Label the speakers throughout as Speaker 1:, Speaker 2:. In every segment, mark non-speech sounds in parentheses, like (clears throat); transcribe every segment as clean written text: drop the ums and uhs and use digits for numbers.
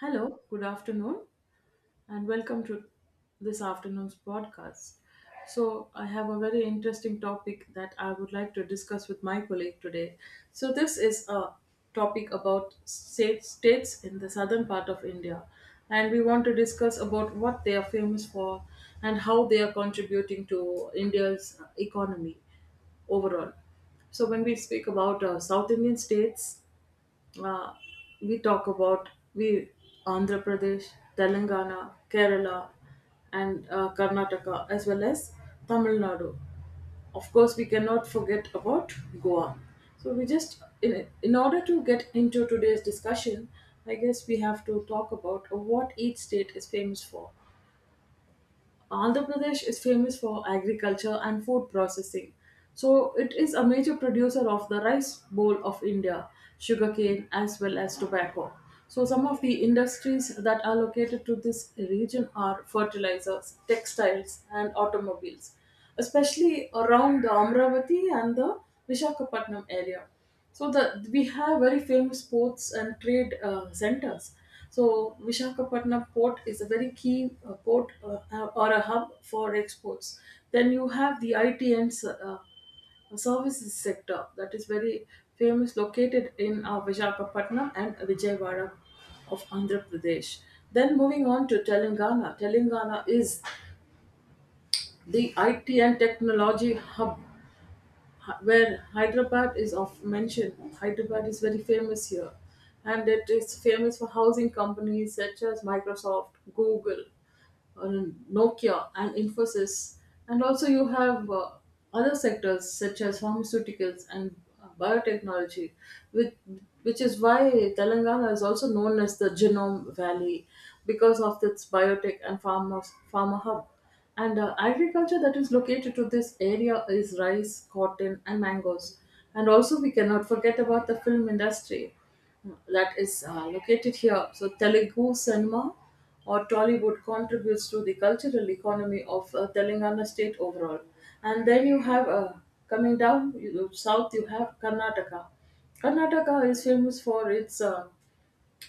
Speaker 1: Hello, good afternoon, and welcome to this afternoon's podcast. So, I have a very interesting topic that I would like to discuss with my colleague today. So, this is a topic about states in the southern part of India, and we want to discuss about what they are famous for and how they are contributing to India's economy overall. So when we speak about South Indian states, uh, we talk about we Andhra Pradesh, Telangana, Kerala, and Karnataka, as well as Tamil Nadu. Of course, we cannot forget about Goa. So we just in order to get into today's discussion, I guess we have to talk about what each state is famous for. Andhra Pradesh is famous for agriculture and food processing. So it is a major producer of the rice bowl of India, sugarcane as well as tobacco. So some of the industries that are located to this region are fertilizers, textiles and automobiles, especially around the Amravati and the Vishakhapatnam area. So the we have very famous ports and trade centers. So Vishakhapatnam port is a very key port or a hub for exports. Then you have the IT and services sector that is very famous, located in Vishakhapatnam and Vijayawada of Andhra Pradesh. Then moving on to Telangana. Telangana is the IT and technology hub where Hyderabad is of mentioned. Hyderabad is very famous here, and it is famous for housing companies such as Microsoft, Google, uh, Nokia and Infosys, and also you have other sectors such as pharmaceuticals and biotechnology, which which is why Telangana is also known as the Genome Valley because of its biotech and pharma hub. And agriculture that is located to this area is rice, cotton, and mangoes. And also, we cannot forget about the film industry that is located here. So Telugu cinema or Tollywood contributes to the cultural economy of Telangana state overall. And then, coming down south, you have Karnataka. Karnataka is famous for its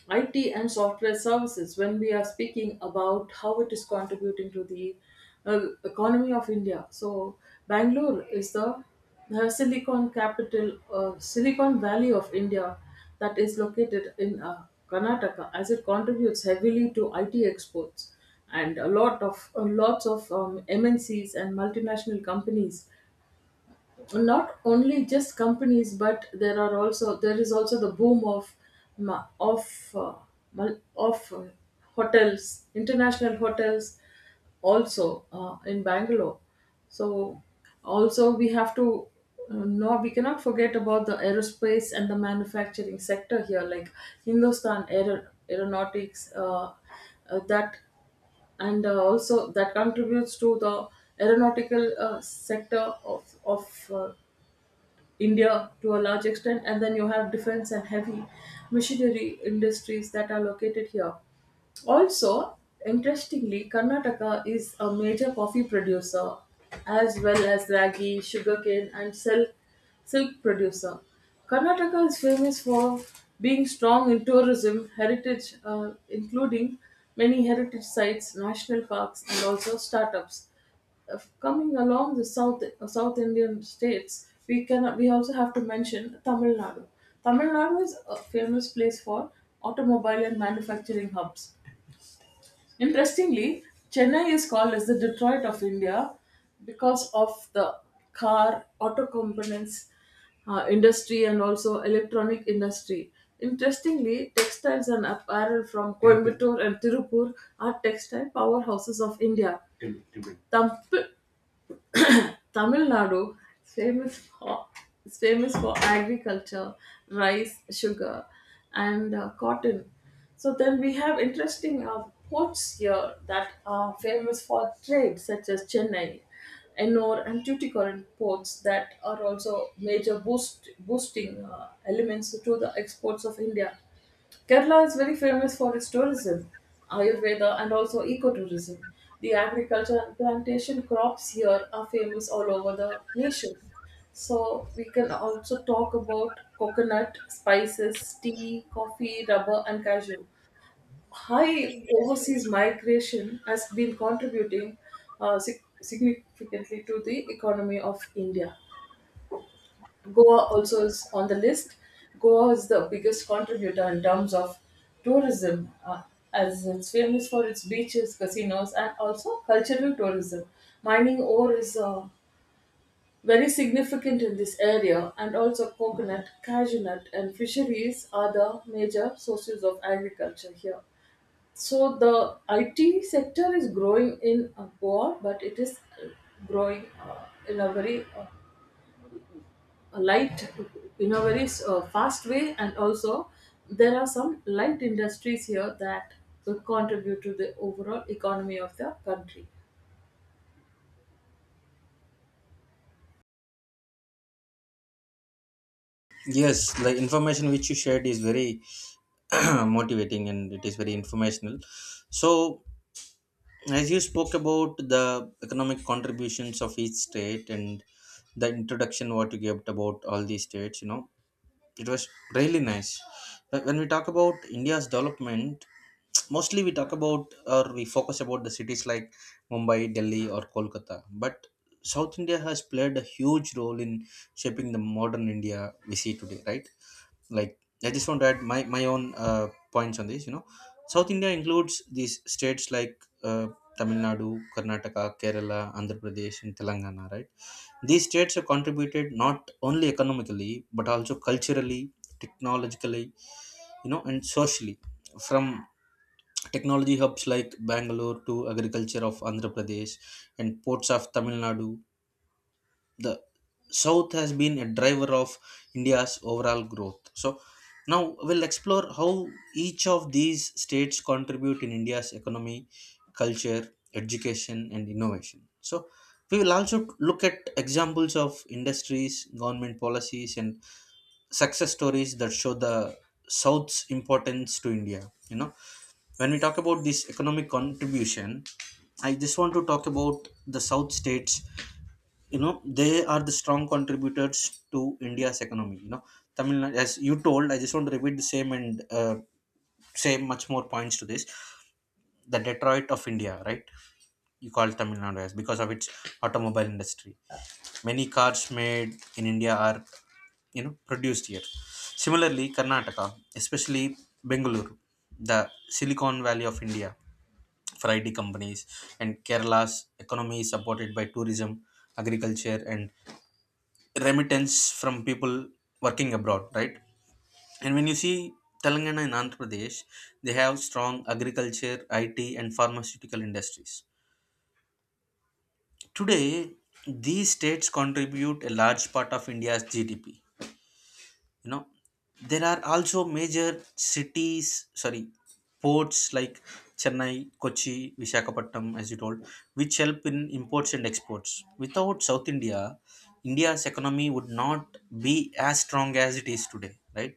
Speaker 1: IT and software services when we are speaking about how it is contributing to the economy of India. So Bangalore is the Silicon Valley of India, that is located in Karnataka, as it contributes heavily to IT exports and a lot of lots of MNCs and multinational companies, not only just companies but there is also the boom of ma- of uh, mul- of hotels international hotels also, in Bangalore. So also, we have to no, we cannot forget about the aerospace and the manufacturing sector here, like Hindustan Aeronautics, that and also that contributes to the aeronautical, sector of of uh, India to a large extent, and then you have defense and heavy machinery industries that are located here. Also, interestingly, Karnataka is a major coffee producer as well as ragi, sugarcane, and silk producer. Karnataka is famous for being strong in tourism, heritage, including many heritage sites, national parks, and also startups. Of coming along the south, South Indian states, we cannot we also have to mention Tamil Nadu. Tamil Nadu is a famous place for automobile and manufacturing hubs. Interestingly, Chennai is called as the Detroit of India because of the car, auto components industry, and also electronic industry. Interestingly, textiles and apparel from Coimbatore and Tirupur are textile powerhouses of India. Tamp- Tamil Nadu is famous for is famous for agriculture, rice, sugar, and cotton. So then we have interesting ports here that are famous for trade, such as Chennai, Ennore, and Tuticorin ports that are also major boosting elements to the exports of India. Kerala is very famous for its tourism, Ayurveda, and also ecotourism. The agriculture and plantation crops here are famous all over the nation. So, we can also talk about coconut, spices, tea, coffee, rubber, and cashew. High overseas migration has been contributing, significantly to the economy of India. Goa also is on the list. Goa is the biggest contributor in terms of tourism, as it's famous for its beaches, casinos, and also cultural tourism. Mining ore is very significant in this area, and also coconut, cashew nut, and fisheries are the major sources of agriculture here. So the IT sector is growing in Goa, but it is growing light in a very, fast way, and also there are some light industries here that will contribute to the overall economy of the country.
Speaker 2: Yes, like information which you shared is very (clears throat) motivating and it is very informational. So, as you spoke about the economic contributions of each state and the introduction what you gave about all these states, you know, it was really nice. But when we talk about India's development, mostly we talk about or we focus about the cities like Mumbai, Delhi, or Kolkata. But South India has played a huge role in shaping the modern India we see today, right? Like I just want to add my own points on this. You know, South India includes these states like Tamil Nadu, Karnataka, Kerala, Andhra Pradesh, and Telangana. Right, these states have contributed not only economically but also culturally, technologically, you know, and socially, from technology hubs like Bangalore to agriculture of Andhra Pradesh and ports of Tamil Nadu. The south has been a driver of India's overall growth. So now we'll explore how each of these states contribute in India's economy, culture, education, and innovation. So we will also look at examples of industries, government policies, and success stories that show the south's importance to India. You know, when we talk about this economic contribution, I just want to talk about the south states. You know, they are the strong contributors to India's economy. You know, as you told, I just want to repeat the same and uh, say much more points to this. The Detroit of India, right? You call Tamil Nadu as because of its automobile industry. Many cars made in India are, you know, produced here. Similarly Karnataka, especially Bengaluru, the Silicon Valley of India, for IT companies. And Kerala's economy is supported by tourism, agriculture, and remittance from people working abroad, right? And when you see Telangana and Andhra Pradesh, they have strong agriculture, IT, and pharmaceutical industries. Today, these states contribute a large part of India's GDP. You know, there are also major cities, sorry, ports like Chennai, Kochi, Visakhapatnam, as you told, which help in imports and exports. Without South India, India's economy would not be as strong as it is today, right?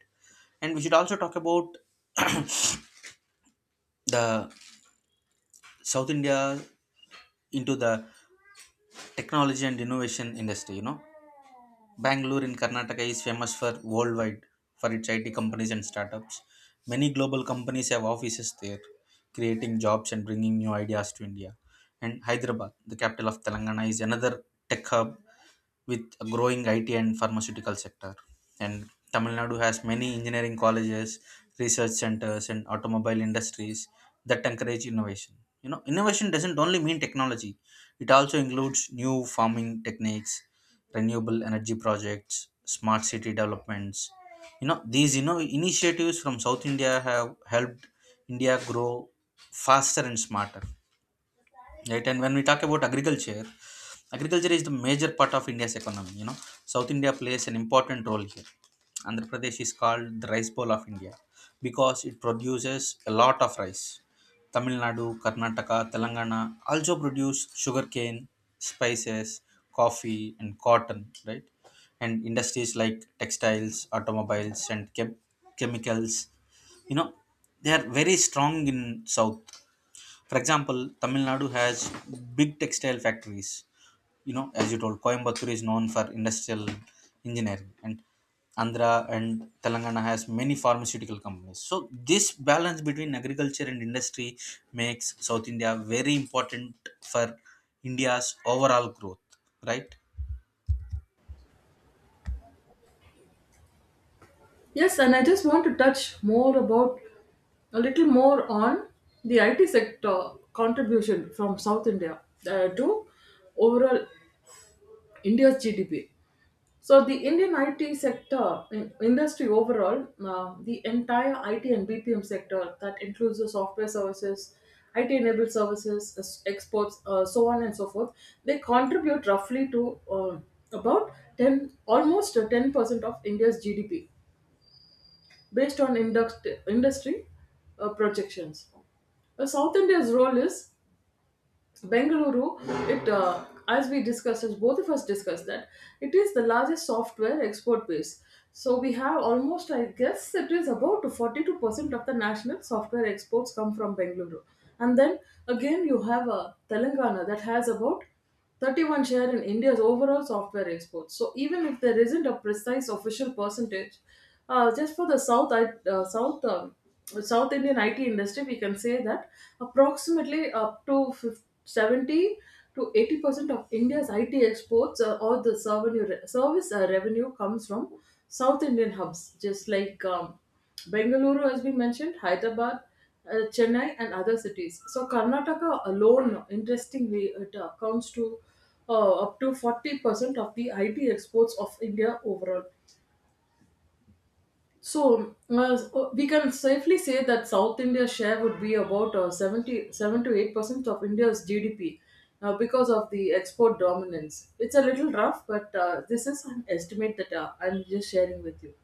Speaker 2: And we should also talk about the South India into the technology and innovation industry. You know, Bangalore in Karnataka is famous for worldwide for its IT companies and startups. Many global companies have offices there, creating jobs and bringing new ideas to India. And Hyderabad, the capital of Telangana, is another tech hub with a growing IT and pharmaceutical sector. And Tamil Nadu has many engineering colleges, research centers, and automobile industries that encourage innovation. You know, innovation doesn't only mean technology, it also includes new farming techniques, renewable energy projects, smart city developments. You know, these, initiatives from South India have helped India grow faster and smarter, right? And when we talk about agriculture, agriculture is the major part of India's economy. You know, South India plays an important role here. Andhra Pradesh is called the rice bowl of India because it produces a lot of rice. Tamil Nadu, Karnataka, Telangana also produce sugarcane, spices, coffee, and cotton, right? And industries like textiles, automobiles, and chemicals, you know, they are very strong in south. For example, Tamil Nadu has big textile factories. You know, as you told, Coimbatore is known for industrial engineering. And Andhra and Telangana has many pharmaceutical companies. So this balance between agriculture and industry makes South India very important for India's overall growth, right?
Speaker 1: Yes, and I just want to touch more about a little more on the IT sector contribution from South India, to overall India's GDP. So the Indian IT sector in industry overall, the entire IT and BPM sector that includes the software services, IT enabled services, exports, so on and so forth, they contribute roughly to, about 10, almost 10% of India's GDP based on industry projections. South India's role is Bengaluru, it as we discussed, as both of us discussed, that it is the largest software export base. So we have almost, I guess, it is about 42% of the national software exports come from Bengaluru, and then again you have Telangana that has about 31 share in India's overall software exports. So even if there isn't a precise official percentage, just for the South I- South South Indian IT industry, we can say that approximately up to 50, 70 to 80% of India's IT exports, or the service revenue comes from South Indian hubs, just like. Bengaluru, as we mentioned, Hyderabad, Chennai, and other cities. So Karnataka alone, interestingly, it accounts to, up to 40% of the IT exports of India overall. So, we can safely say that South India's share would be about, 70, 7 to 8% of India's GDP, because of the export dominance. It's a little rough, but this is an estimate that I'm just sharing with you.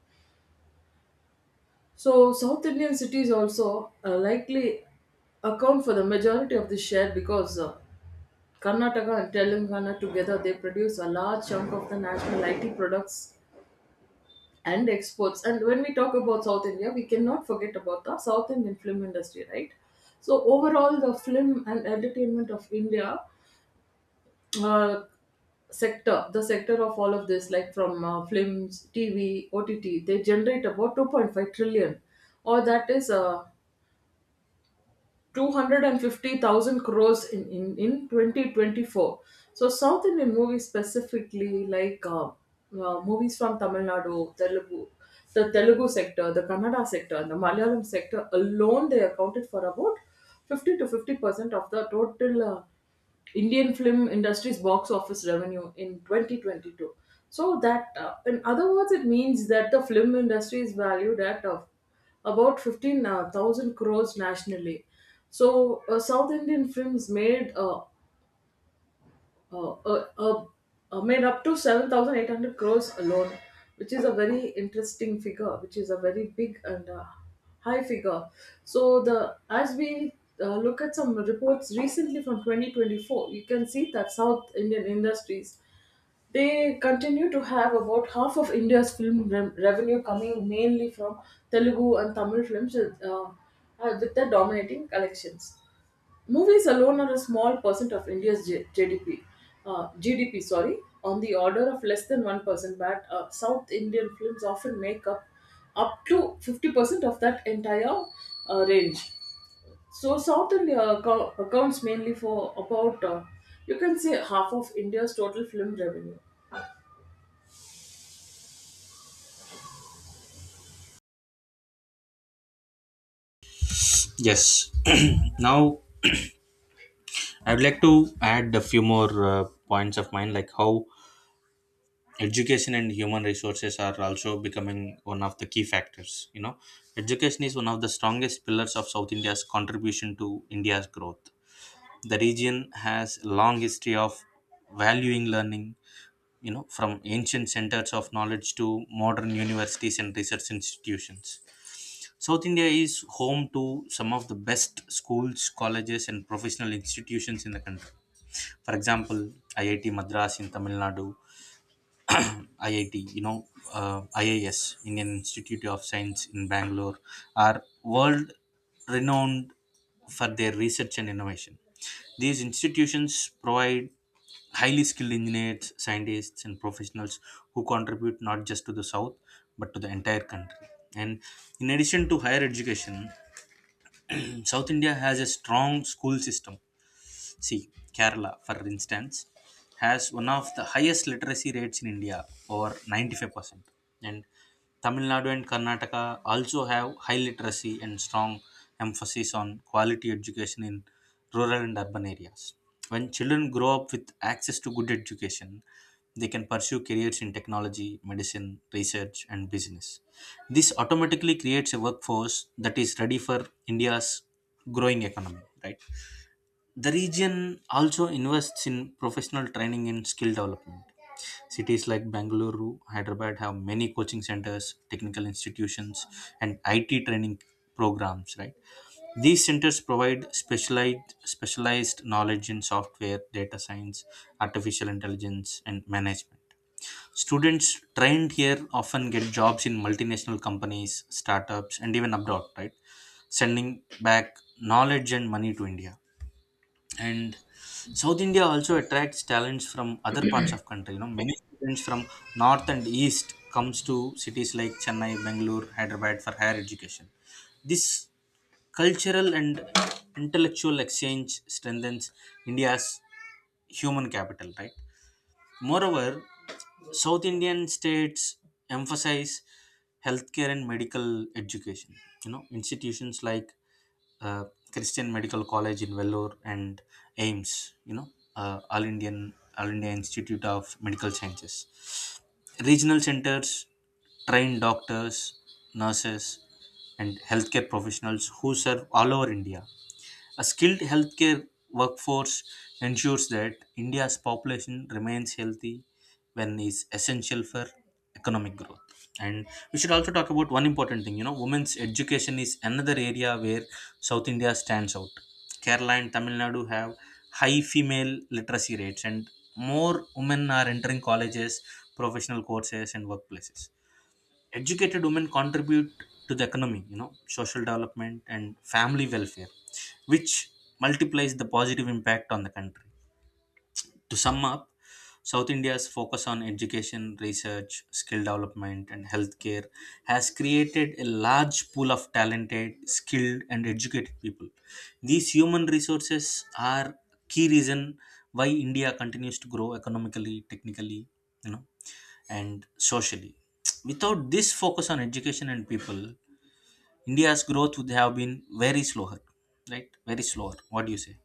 Speaker 1: So, South Indian cities also likely account for the majority of this share because, Karnataka and Telangana together they produce a large chunk of the national IT products and exports. And when we talk about South India, we cannot forget about the South Indian film industry, right? So, overall, the film and entertainment of India, uh, sector, the sector of all of this, like from, films, TV, OTT, they generate about 2.5 trillion, or that is, 250,000 crores in, 2024. So, South Indian movies specifically, like movies from Tamil Nadu, the Telugu sector, the Kannada sector, and the Malayalam sector alone, they accounted for about 50 to 50% of the total Indian film industry's box office revenue in 2022. So, that, in other words, it means that the film industry is valued at, about 15,000 crores nationally. So, South Indian films uh, uh, uh, made up to 7,800 crores alone, which is a very interesting figure, which is a very big and, high figure. So, the as we, look at some reports recently from 2024, you can see that South Indian industries they continue to have about half of India's film revenue coming mainly from Telugu and Tamil films, with their dominating collections. Movies alone are a small percent of India's GDP. GDP, sorry, on the order of less than 1%. But South Indian films often make up up to 50% of that entire range. So South India accounts mainly for about, you can say half of India's total film revenue.
Speaker 2: Yes. (clears throat) Now, I would like to add a few more points of mine, like how education and human resources are also becoming one of the key factors. You know, education is one of the strongest pillars of South India's contribution to India's growth. The region has a long history of valuing learning. You know, from ancient centers of knowledge to modern universities and research institutions, South India is home to some of the best schools, colleges, and professional institutions in the country. For example, IIT Madras in Tamil Nadu, IIT, you know, IIS, Indian Institute of Science in Bangalore, are world renowned for their research and innovation. These institutions provide highly skilled engineers, scientists, and professionals who contribute not just to the South but to the entire country. And in addition to higher education, South India has a strong school system. See, Kerala, for instance, has one of the highest literacy rates in India, over 95%. And Tamil Nadu and Karnataka also have high literacy and strong emphasis on quality education in rural and urban areas. When children grow up with access to good education, they can pursue careers in technology, medicine, research, and business. This automatically creates a workforce that is ready for India's growing economy, right? The region also invests in professional training and skill development. Cities like Bangalore, Hyderabad have many coaching centers, technical institutions, and IT training programs. Right, these centers provide specialized knowledge in software, data science, artificial intelligence, and management. Students trained here often get jobs in multinational companies, startups, and even abroad, right, sending back knowledge and money to India. And South India also attracts talents from other parts of country. You know, many students from north and east comes to cities like Chennai, Bangalore, Hyderabad for higher education. This cultural and intellectual exchange strengthens India's human capital, right? Moreover, South Indian states emphasize healthcare and medical education. You know, institutions like uh, Christian Medical College in Vellore and AIMS, you know, All India Institute of Medical Sciences. Regional centers train doctors, nurses, and healthcare professionals who serve all over India. A skilled healthcare workforce ensures that India's population remains healthy when is essential for economic growth. And we should also talk about one important thing, you know, women's education is another area where South India stands out. Kerala and Tamil Nadu have high female literacy rates and more women are entering colleges, professional courses, and workplaces. Educated women contribute to the economy, you know, social development and family welfare, which multiplies the positive impact on the country. To sum up, South India's focus on education, research, skill development, and healthcare has created a large pool of talented, skilled, and educated people. These human resources are key reason why India continues to grow economically, technically, you know, and socially. Without this focus on education and people, India's growth would have been very slower, right? Very slower. What do you say?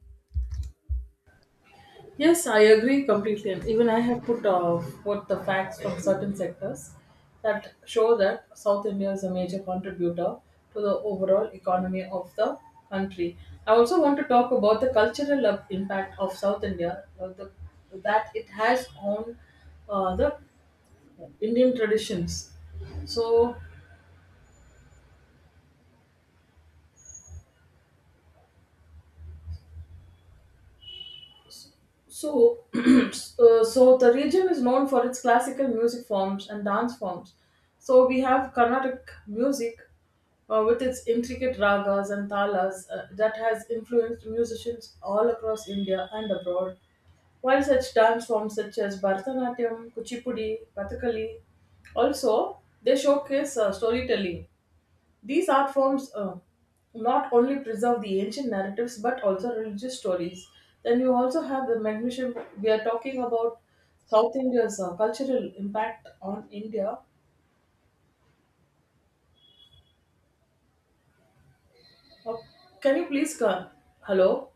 Speaker 1: Yes, I agree completely. And even I have put, what the facts from certain sectors that show that South India is a major contributor to the overall economy of the country. I also want to talk about the cultural impact of South India, that it has on the Indian traditions. So So, (clears throat) the region is known for its classical music forms and dance forms. So we have Carnatic music with its intricate ragas and talas that has influenced musicians all across India and abroad. While such dance forms such as Bharatanatyam, Kuchipudi, Kathakali, also they showcase, storytelling; these art forms, not only preserve the ancient narratives but also religious stories. Then you also have the magnesium. We are talking about South India's cultural impact on India. Uh, can you please come? Hello?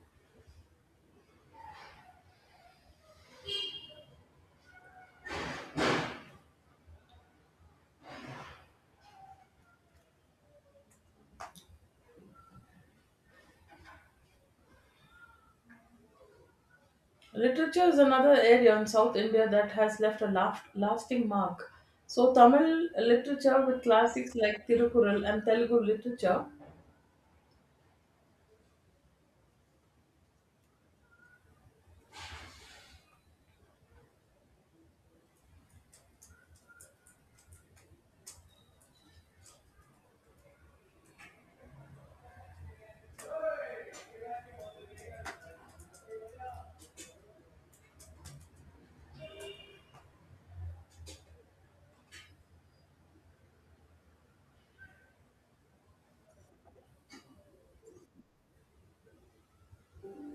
Speaker 1: Literature is another area in South India that has left a lasting mark. So, Tamil literature with classics like Tirukural and Telugu literature